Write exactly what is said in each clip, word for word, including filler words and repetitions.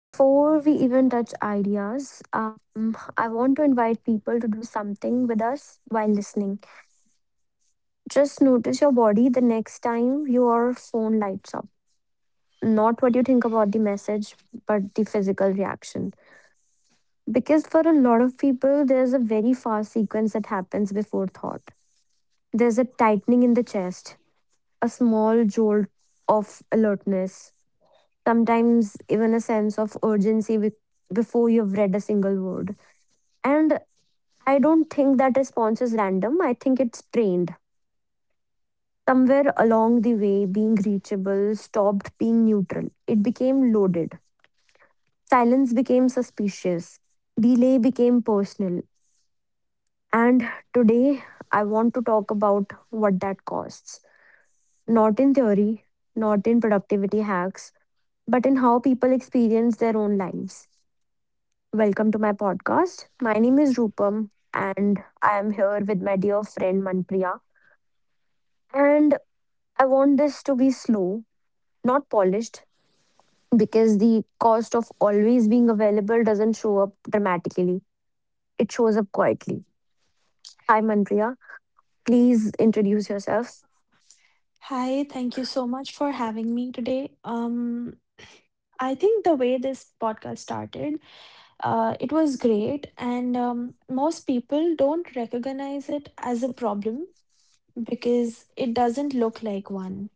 Before we even touch ideas, um, I want to invite people to do something with us while listening. Just notice your body the next time your phone lights up. Not what you think about the message, but the physical reaction. Because for a lot of people, there's a very fast sequence that happens before thought. There's a tightening in the chest, a small jolt of alertness, sometimes even a sense of urgency be- before you've read a single word. And I don't think that response is random. I think it's trained. Somewhere along the way, being reachable stopped being neutral. It became loaded. Silence became suspicious. Delay became personal. And today, I want to talk about what that costs. Not in theory, not in productivity hacks, but in how people experience their own lives. Welcome to my podcast. My name is Rupam, and I am here with my dear friend Manpriya. And I want this to be slow, not polished, because the cost of always being available doesn't show up dramatically. It shows up quietly. Hi, Manpriya. Please introduce yourself. Hi, thank you so much for having me today. Um, I think the way this podcast started, uh, it was great, and um, most people don't recognize it as a problem because it doesn't look like one.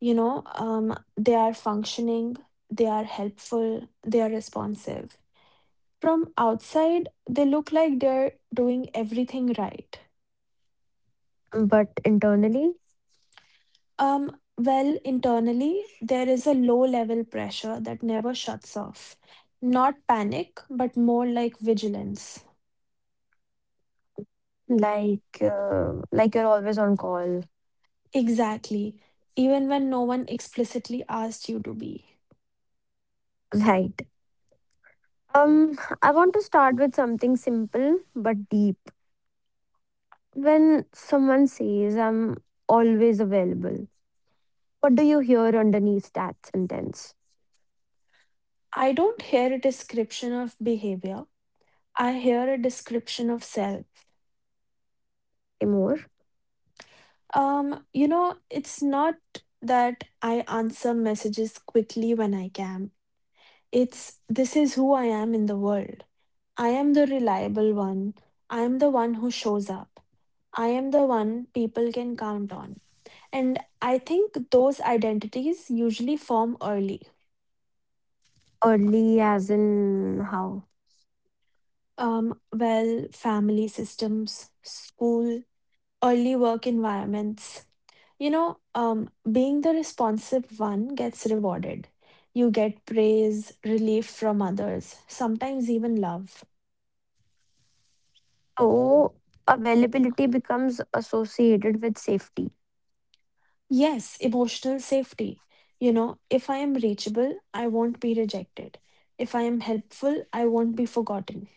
You know, um, they are functioning, they are helpful, they are responsive. From outside, they look like they're doing everything right. But internally, Um, well, internally, there is a low level pressure that never shuts off. Not panic, but more like vigilance. like uh, like you're always on call, Exactly. Even when no one explicitly asked you to be. right? Um, I want to start with something simple but deep. When someone says I'm always available, what do you hear underneath that sentence? I don't hear a description of behavior. I hear a description of self. More Um, you know, it's not that I answer messages quickly when I can. It's this is who I am in the world. I am the reliable one. I am the one who shows up. I am the one people can count on. And I think those identities usually form early. early, as in how? Um, well, family systems, school, early work environments. You know, um, being the responsive one gets rewarded. You get praise, relief from others, sometimes even love. So, availability becomes associated with safety. Yes, emotional safety. You know, if I am reachable, I won't be rejected. If I am helpful, I won't be forgotten.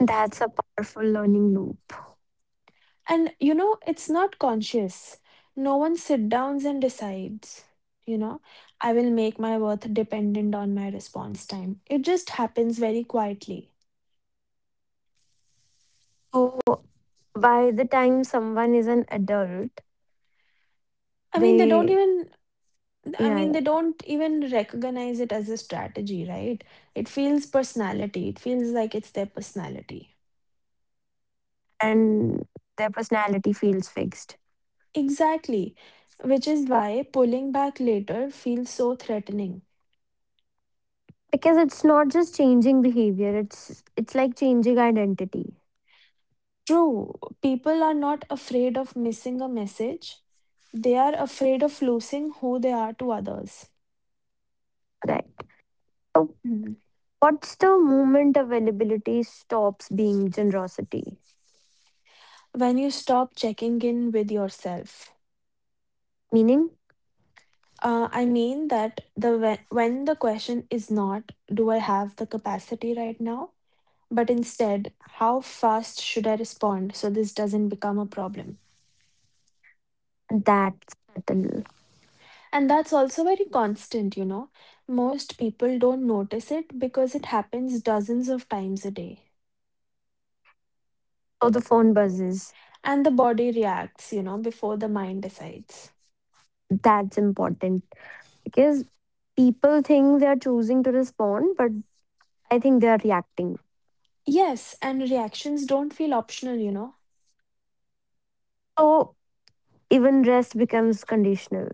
That's a powerful learning loop. And you know, it's not conscious. No one sit downs and decides, you know, I will make my worth dependent on my response time. It just happens very quietly. So, by the time someone is an adult, I mean, they don't they, even, I yeah, yeah, mean, they don't even recognize it as a strategy, right? It feels personality. It feels like it's their personality. and their personality feels fixed. Exactly, which is why pulling back later feels so threatening. Because it's not just changing behavior, it's it's like changing identity, True, people are not afraid of missing a message, they are afraid of losing who they are to others. right? So, Mhm. what's the moment availability stops being generosity? When you stop checking in with yourself, Meaning, uh, I mean that the when, when the question is not, do I have the capacity right now? But instead, how fast should I respond so this doesn't become a problem? that's subtle. And that's also very constant, you know. Most people don't notice it because it happens dozens of times a day. So, the phone buzzes. And the body reacts, you know, before the mind decides. That's important because people think they are choosing to respond, but I think they are reacting. Yes, and reactions don't feel optional, you know. So even rest becomes conditional.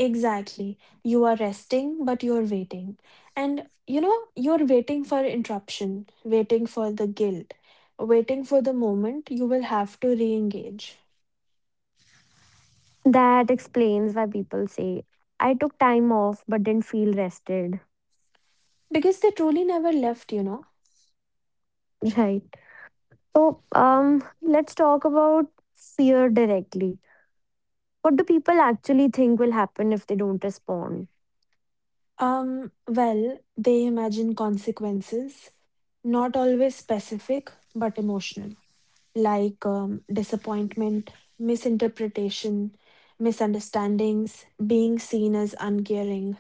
Exactly. You are resting, but you're waiting. And, you know, you're waiting for interruption, waiting for the guilt, waiting for the moment you will have to re engage. That explains why people say, I took time off but didn't feel rested. Because they truly never left, you know. Right. So um, let's talk about fear directly. What do people actually think will happen if they don't respond Um, well, they imagine consequences, not always specific, but emotional, like um, disappointment, misinterpretation, misunderstandings, being seen as uncaring.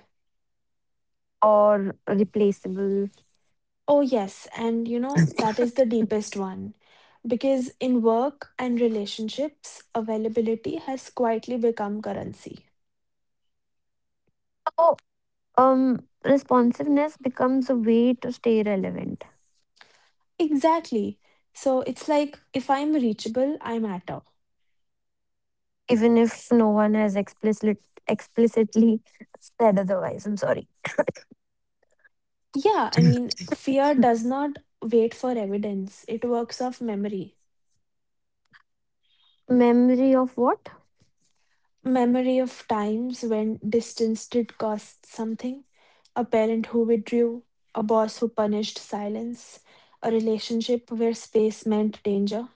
or replaceable? Oh, yes, and you know, that is the deepest one. Because in work and relationships, availability has quietly become currency. So um, responsiveness becomes a way to stay relevant Exactly. So it's like if I'm reachable, I matter. even if no one has explicit, explicitly said otherwise. I'm sorry. Yeah, I mean, fear does not wait for evidence. It works off memory. Memory of what? Memory of times when distance did cost something, a parent who withdrew, a boss who punished silence, a relationship where space meant danger.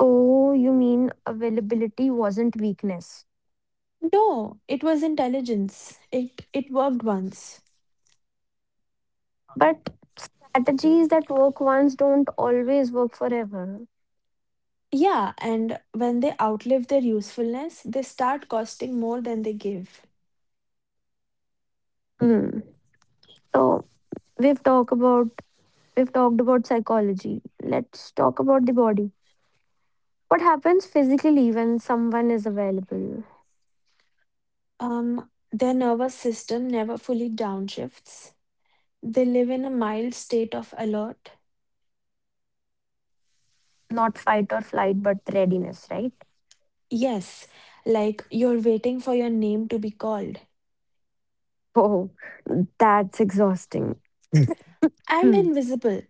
Oh, you mean availability wasn't weakness. No, it was intelligence. It it worked once. But strategies that work once don't always work forever. Yeah, and when they outlive their usefulness, they start costing more than they give. Hmm. So we've talked about we've talked about psychology. Let's talk about the body. What happens physically when someone is available? Um, their nervous system never fully downshifts. They live in a mild state of alert. Not fight or flight, but readiness, right? Yes, like you're waiting for your name to be called. Oh, that's exhausting. And Hmm. invisible.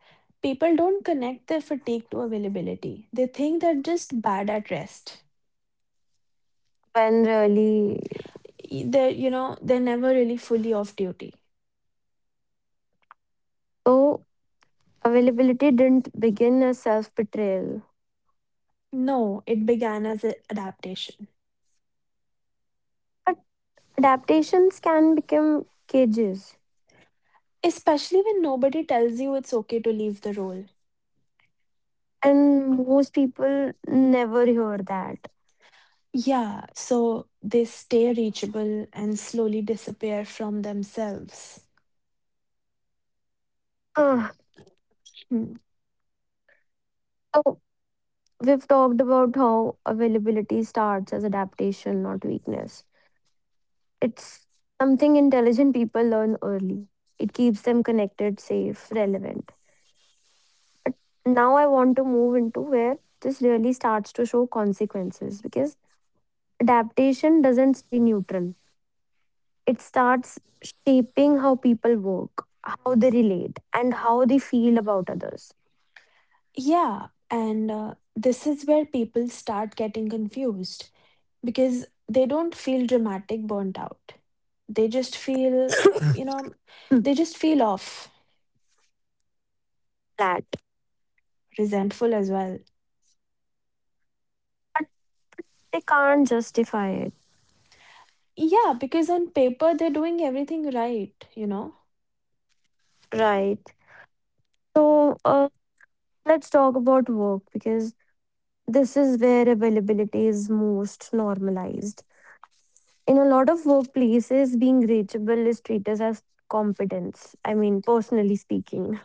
People don't connect their fatigue to availability. They think they're just bad at rest. When really. Y- They're, you know, they're never really fully off duty. So, availability didn't begin as self betrayal, No, it began as an adaptation. but adaptations can become cages, Especially when nobody tells you it's okay to leave the role. and most people never hear that. Yeah, so they stay reachable and slowly disappear from themselves. Ah, Hmm. so, we've talked about how availability starts as adaptation, not weakness. It's something intelligent people learn early, it keeps them connected, safe, relevant. Now, I want to move into where this really starts to show consequences because adaptation doesn't stay neutral. It starts shaping how people work, how they relate, and how they feel about others. Yeah, and uh, this is where people start getting confused because they don't feel dramatic burnt out. They just feel, you know, Hmm, they just feel off, flat. resentful as well. They can't justify it. Yeah, because on paper they're doing everything right, you know. Right. So uh, let's talk about work because this is where availability is most normalized. In a lot of workplaces, being reachable is treated as competence. I mean, personally speaking,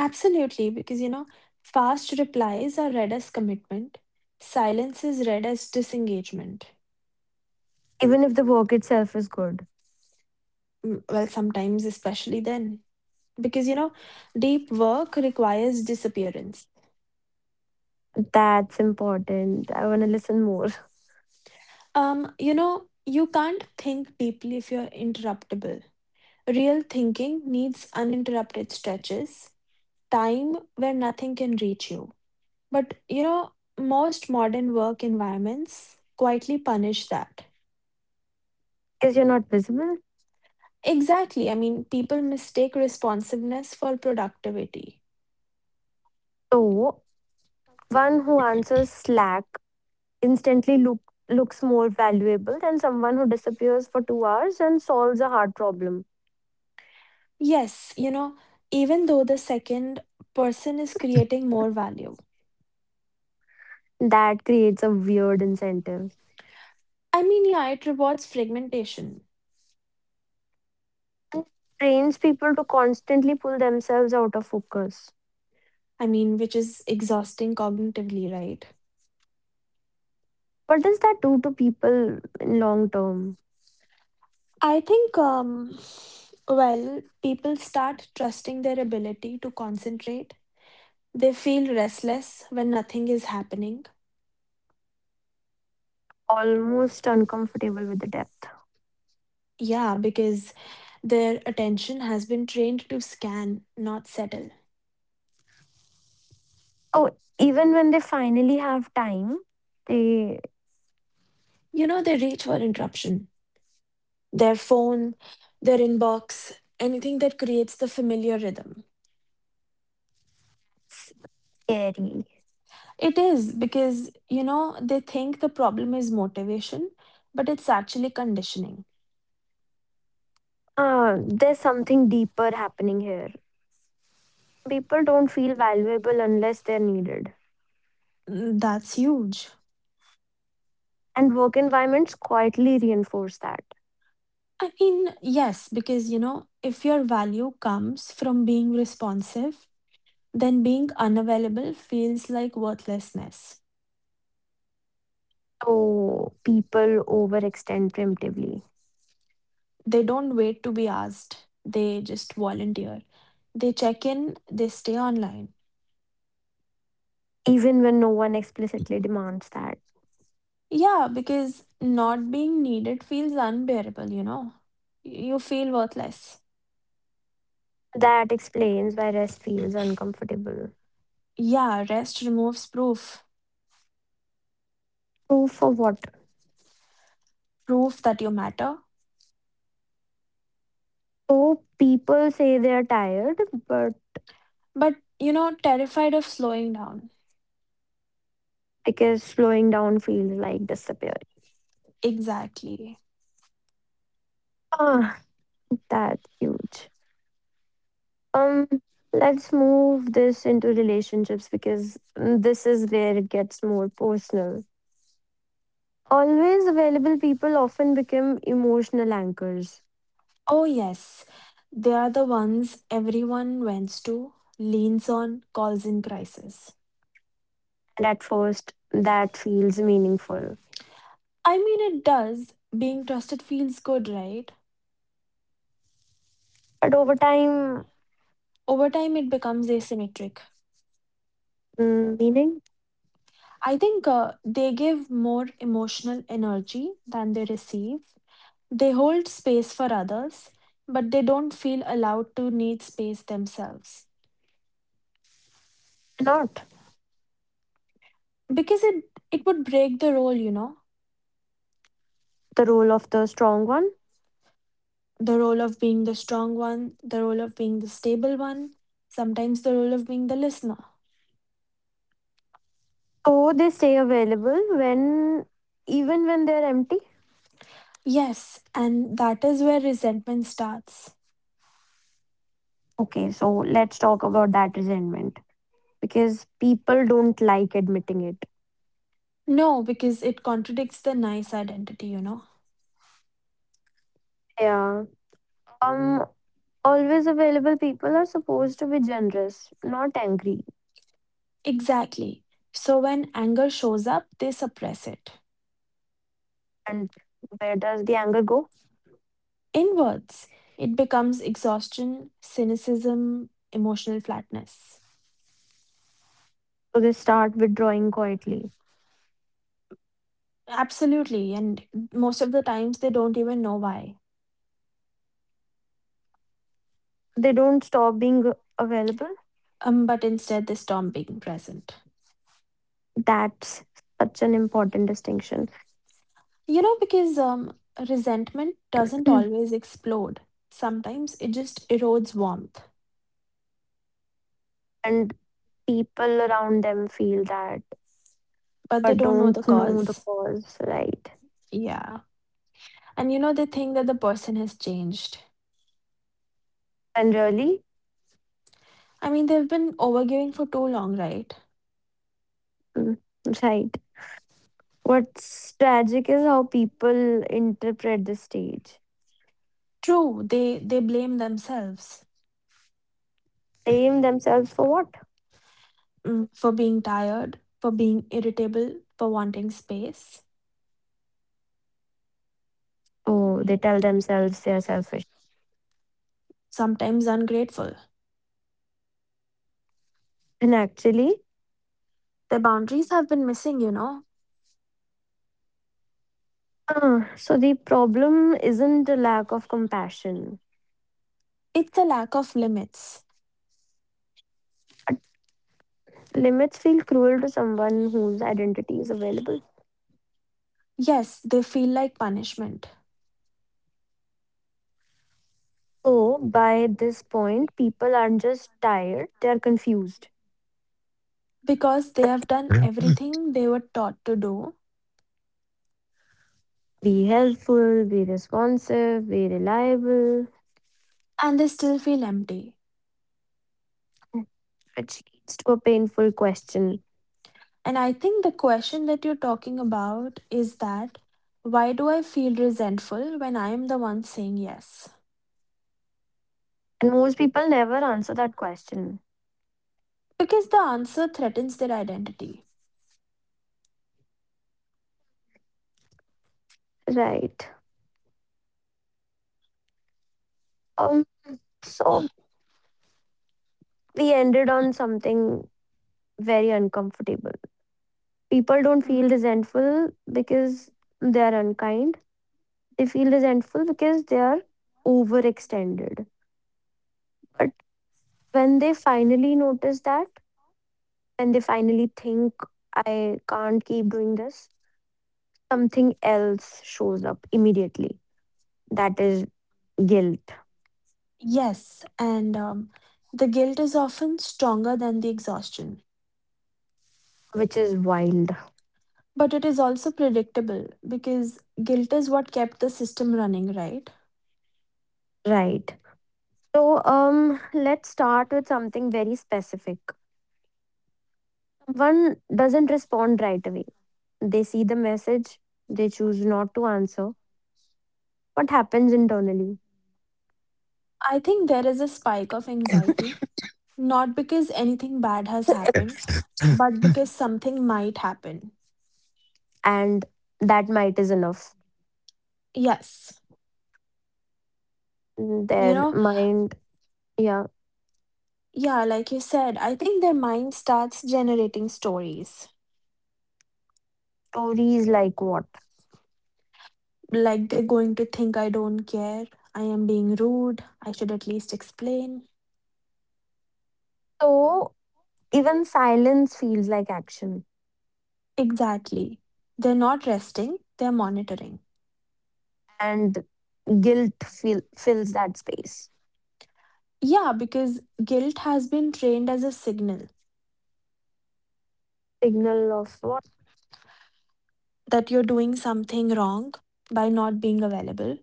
Absolutely, because, you know, fast replies are read as commitment, silence is read as disengagement. even if the work itself is good, Mm, well, sometimes, especially then, because, you know, deep work requires disappearance. that's important. I want to listen more. Um, you know, you can't think deeply if you're interruptible. Real thinking needs uninterrupted stretches, time where nothing can reach you. But, you know, most modern work environments quietly punish that. Because you're not visible. Exactly. I mean, people mistake responsiveness for productivity. So one who answers Slack instantly look, looks more valuable than someone who disappears for two hours and solves a hard problem. Yes, you know, even though the second person is creating more value. That creates a weird incentive I mean, yeah, it rewards fragmentation. and trains people to constantly pull themselves out of focus. I mean, which is exhausting cognitively, right? What does that do to people in long term? I think, um, well, people start trusting their ability to concentrate. They feel restless when nothing is happening. Almost uncomfortable with the depth. Yeah, because their attention has been trained to scan, not settle. Oh, even when they finally have time, they You know, they reach for interruption, their phone, their inbox, anything that creates the familiar rhythm. scary. It is because, you know, they think the problem is motivation, but it's actually conditioning. Uh, there's something deeper happening here. People don't feel valuable unless they're needed. Mm. That's huge. And work environments quietly reinforce that. I mean, yes, because you know, if your value comes from being responsive, then being unavailable feels like worthlessness. So people overextend preemptively, They don't wait to be asked, they just volunteer. They check in, they stay online. even when no one explicitly demands that. Yeah, because not being needed feels unbearable, you know. You feel worthless. That explains why rest feels uncomfortable. Yeah, rest removes proof, So, for what? proof that you matter, So, people say they're tired, but but you know, terrified of slowing down. because slowing down feels like disappearing. Exactly. Ah, that's huge. Um, let's move this into relationships because mm, this is where it gets more personal. Always available people often become emotional anchors, Oh, yes. They are the ones everyone vents to, leans on, calls in crisis. and at first, that feels meaningful. I mean, it does. Being trusted feels good, right? But over time, Over time, it becomes asymmetric. mm, meaning I think uh, they give more emotional energy than they receive. They hold space for others, but they don't feel allowed to need space themselves not because it, it would break the role, you know. the role of the strong one. The role of being the strong one, the role of being the stable one, sometimes the role of being the listener. So they stay available when, even when they're empty. Yes, and that is where resentment starts. Okay, so let's talk about that resentment because people don't like admitting it. No, because it contradicts the nice identity, you know. Yeah. Um. Always available people are supposed to be generous, not angry. Exactly. So when anger shows up, they suppress it. And where does the anger go? Inwards, it becomes exhaustion, cynicism, emotional flatness. So they start withdrawing quietly. Absolutely, and most of the times they don't even know why. They don't stop being available. Um, but instead they stop being present. That's such an important distinction. You know, because um, resentment doesn't always explode. Sometimes it just erodes warmth, And people around them feel that but they but don't know the don't know the cause. cause, right? Yeah. And you know, they think that the person has changed. And really, I mean, they've been overgiving for too long, right? mm, right. What's tragic is how people interpret the stage. True, they they blame themselves Blame themselves for what? mm, for being tired, for being irritable, for wanting space, Oh, they tell themselves they're selfish. sometimes ungrateful. And actually, Their boundaries have been missing, you know. uh, so the problem isn't a lack of compassion. It's a lack of limits. Limits feel cruel to someone whose identity is available. Yes, they feel like punishment. So, by this point, people aren't just tired, they are confused. Because they have done everything they were taught to do Be helpful, be responsive, be reliable, and they still feel empty. which leads to a painful question. And I think the question that you're talking about is that why do I feel resentful when I am the one saying yes? And most people never answer that question. Because the answer threatens their identity. Right. Um, so, we ended on something very uncomfortable. People don't feel Hmm. resentful because they are unkind, they feel resentful because they are overextended. But when they finally notice that, when they finally think, I can't keep doing this, something else shows up immediately. That is guilt, Yes, and um, the guilt is often stronger than the exhaustion. which is wild. But it is also predictable because guilt is what kept the system running, right? Right. So, um, let's start with something very specific. One doesn't respond right away. They see the message, they choose not to answer. What happens internally? I think there is a spike of anxiety. Not because anything bad has happened, but because something might happen. And that might is enough. Yes. You Their know, mind, yeah, yeah, like you said, I think their mind starts generating stories. stories like what? Like they're going to think I don't care, I am being rude, I should at least explain. So even silence feels like action, Exactly. They're not resting, they're monitoring. and guilt feel, fills that space. Yeah, because guilt has been trained as a signal Signal of what? that you're doing something wrong by not being available.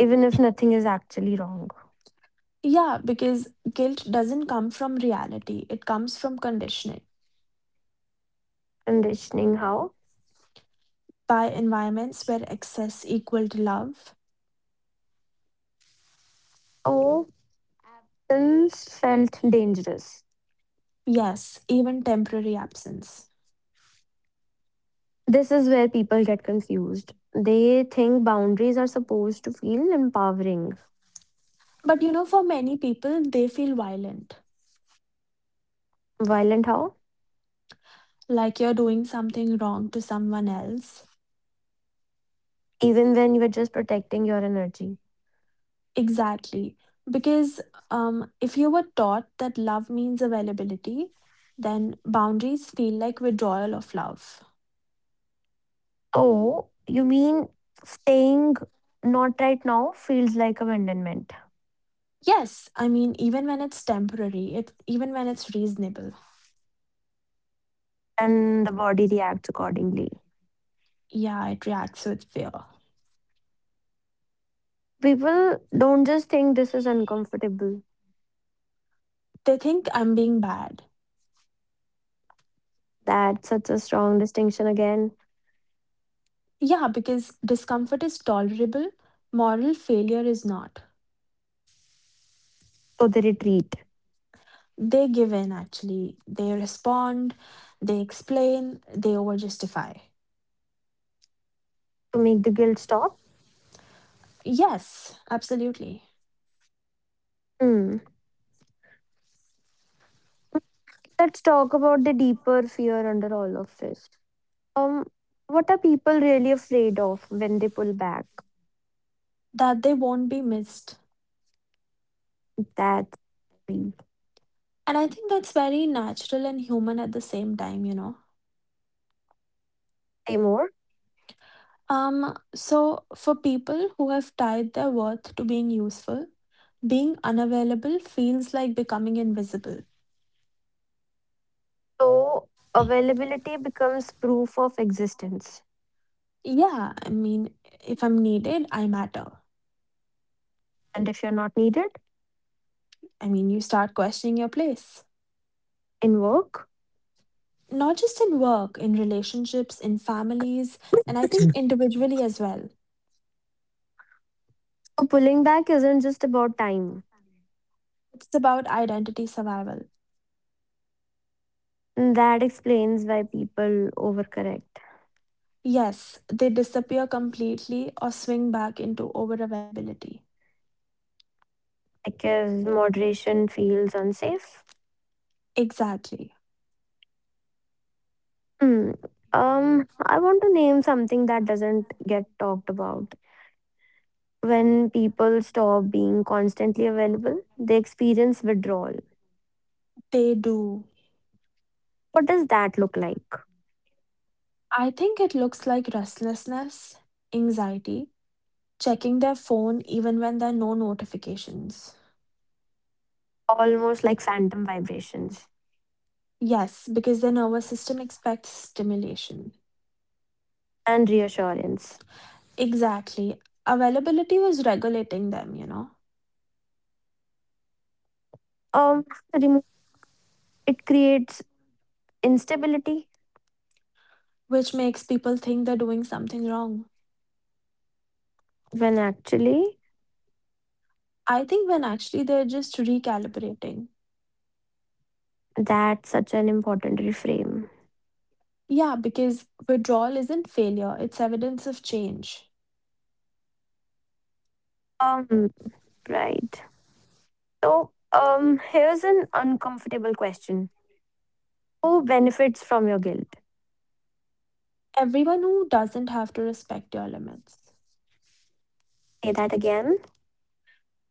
Even if nothing is actually wrong. Yeah, because guilt doesn't come from reality, it comes from conditioning Conditioning how? by environments where excess equaled love. Oh, absence felt dangerous. Yes, even temporary absence. This is where people get confused. They think boundaries are supposed to feel empowering. But you know, for many people, they feel violent, Violent how? like you're doing something wrong to someone else. Even when you are just protecting your energy. Exactly. Because um, if you were taught that love means availability, then boundaries feel like withdrawal of love. Oh, you mean staying not right now feels like abandonment. Yes, I mean, even when it's temporary, it even when it's reasonable, And the body reacts accordingly. yeah, it reacts with fear. People don't just think this is uncomfortable. They think I'm being bad. That's such a strong distinction again. Yeah, because discomfort is tolerable, moral failure is not. So they retreat They give in actually. They respond, they explain, they overjustify. to make the guilt stop. Yes, absolutely. Hmm. Let's talk about the deeper fear under all of this. Um, what are people really afraid of when they pull back? That they won't be missed. That's the And I think that's very natural and human at the same time, you know. say more. Um, so for people who have tied their worth to being useful, being unavailable feels like becoming invisible. So availability becomes proof of existence. Yeah, I mean, if I'm needed, I matter. And if you're not needed I mean, you start questioning your place. in work, Not just in work, in relationships, in families, and I think individually as well. so pulling back isn't just about time. It's about identity survival. That explains why people overcorrect Yes, they disappear completely or swing back into over availability. because moderation feels unsafe. Exactly. Hmm. Um, I want to name something that doesn't get talked about. When people stop being constantly available, they experience withdrawal. They do. What does that look like? I think it looks like restlessness, anxiety, checking their phone even when there are no notifications. Almost like phantom vibrations Yes, because the nervous system expects stimulation. and reassurance. Exactly. Availability was regulating them, you know, Um, remo- it creates instability Which makes people think they're doing something wrong. when actually I think when actually they're just recalibrating. that's such an important reframe. Yeah, because withdrawal isn't failure, it's evidence of change. Um, right. So, um, here's an uncomfortable question. Who benefits from your guilt? Everyone who doesn't have to respect your limits. Say that again.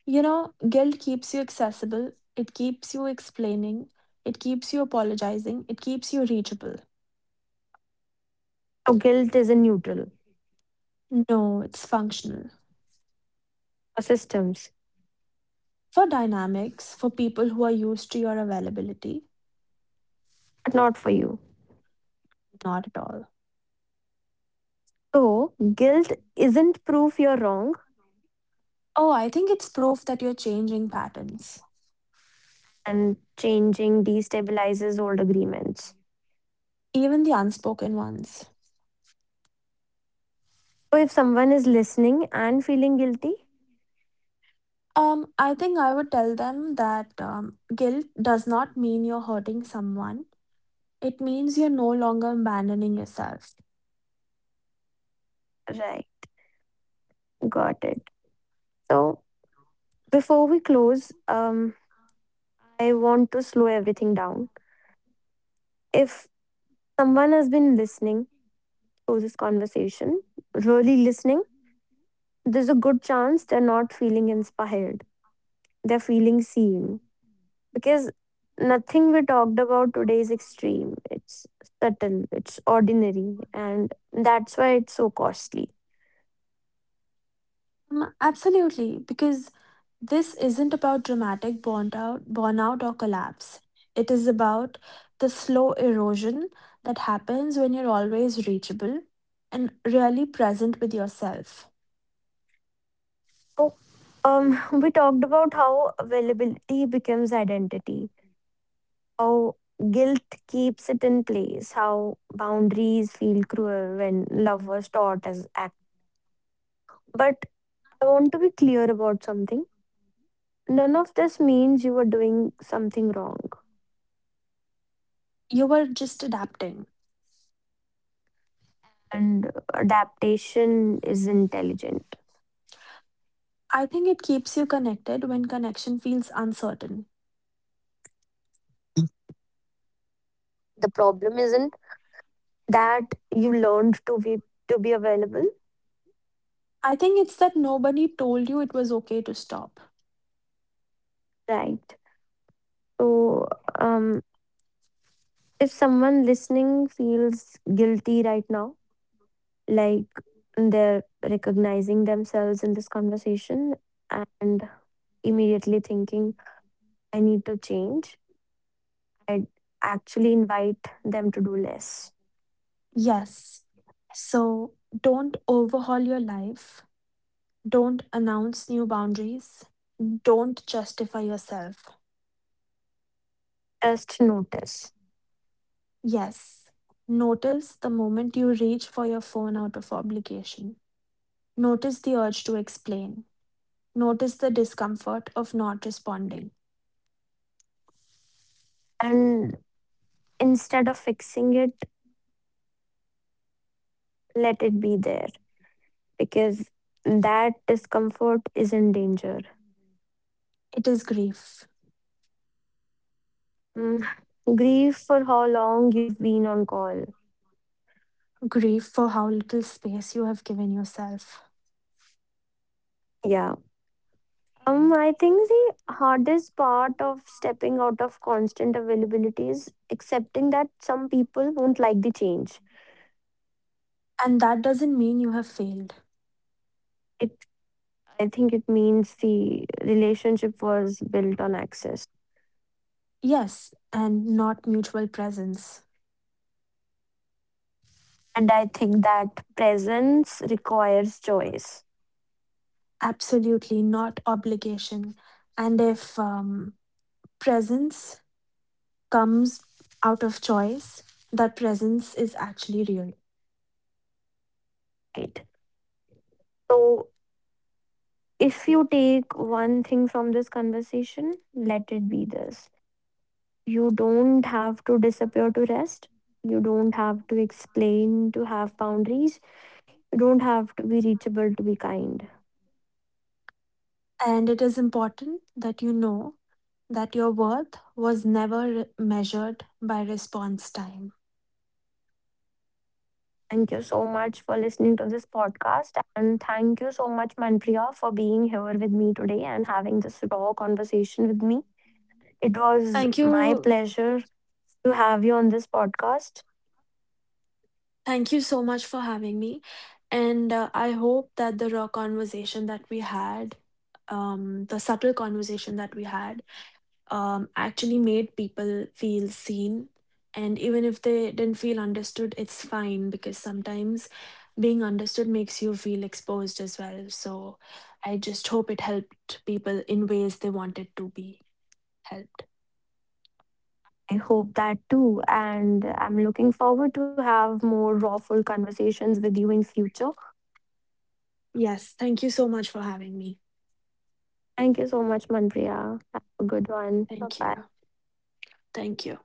You know, guilt keeps you accessible, it keeps you explaining, it keeps you apologizing, it keeps you reachable. So, guilt is a neutral No, it's functional. for systems, For dynamics, for people who are used to your availability, but not for you. not at all. So, guilt isn't proof you're wrong, Oh, I think it's proof that you're changing patterns, and changing destabilizes old agreements. even the unspoken ones. So, if someone is listening and feeling guilty, Um, I think I would tell them that um, guilt does not mean you're hurting someone. It means you're no longer abandoning yourself. right, got it. So, before we close, um, I want to slow everything down. If someone has been listening to this conversation, really listening, there's a good chance they're not feeling inspired. They're feeling seen because nothing we talked about today is extreme. It's subtle, it's ordinary, and that's why it's so costly. Mm, absolutely, because this isn't about dramatic burnout, burnout or collapse. It is about the slow erosion that happens when you're always reachable and really present with yourself. So, um, we talked about how availability becomes identity, how guilt keeps it in place, how boundaries feel cruel when love was taught as act. But I want to be clear about something. None of this means you are doing something wrong You were just adapting. and adaptation is intelligent. I think it keeps you connected when connection feels uncertain. The problem isn't that you learned to be to be available, I think it's that nobody told you it was okay to stop. right? So, um, if someone listening feels guilty right now, like they're recognizing themselves in this conversation and immediately thinking, "I need to change," I'd actually invite them to do less. Yes. So don't overhaul your life. Don't announce new boundaries. Don't justify yourself. Just notice, Yes. Notice the moment you reach for your phone out of obligation. Notice the urge to explain. Notice the discomfort of not responding. and instead of fixing it, let it be there because that discomfort isn't danger. It is grief. Mm, grief for how long you've been on call. Grief for how little space you have given yourself. Yeah. Um, I think the hardest part of stepping out of constant availability is accepting that some people won't like the change. And that doesn't mean you have failed. It, I think it means the relationship was built on access. Yes, and not mutual presence. And I think that presence requires choice. Absolutely not obligation. And if um, presence comes out of choice, that presence is actually real. Right. So if you take one thing from this conversation, let it be this: you don't have to disappear to rest. You don't have to explain to have boundaries. You don't have to be reachable to be kind. And it is important that you know that your worth was never re- measured by response time. Thank you so much for listening to this podcast. And thank you so much, Manpriya, for being here with me today and having this raw conversation with me. It was Thank my you. pleasure to have you on this podcast. Thank you so much for having me. And uh, I hope that the raw conversation that we had, um, the subtle conversation that we had, um, actually made people feel seen. And even if they didn't feel understood, it's fine because sometimes being understood makes you feel exposed as well. So I just hope it helped people in ways they wanted to be helped. I hope that too. And I'm looking forward to have more rawful conversations with you in future. Yes, thank you so much for having me. Thank you so much, Manpriya. Have a good one. Bye Thank bye. you. Thank you.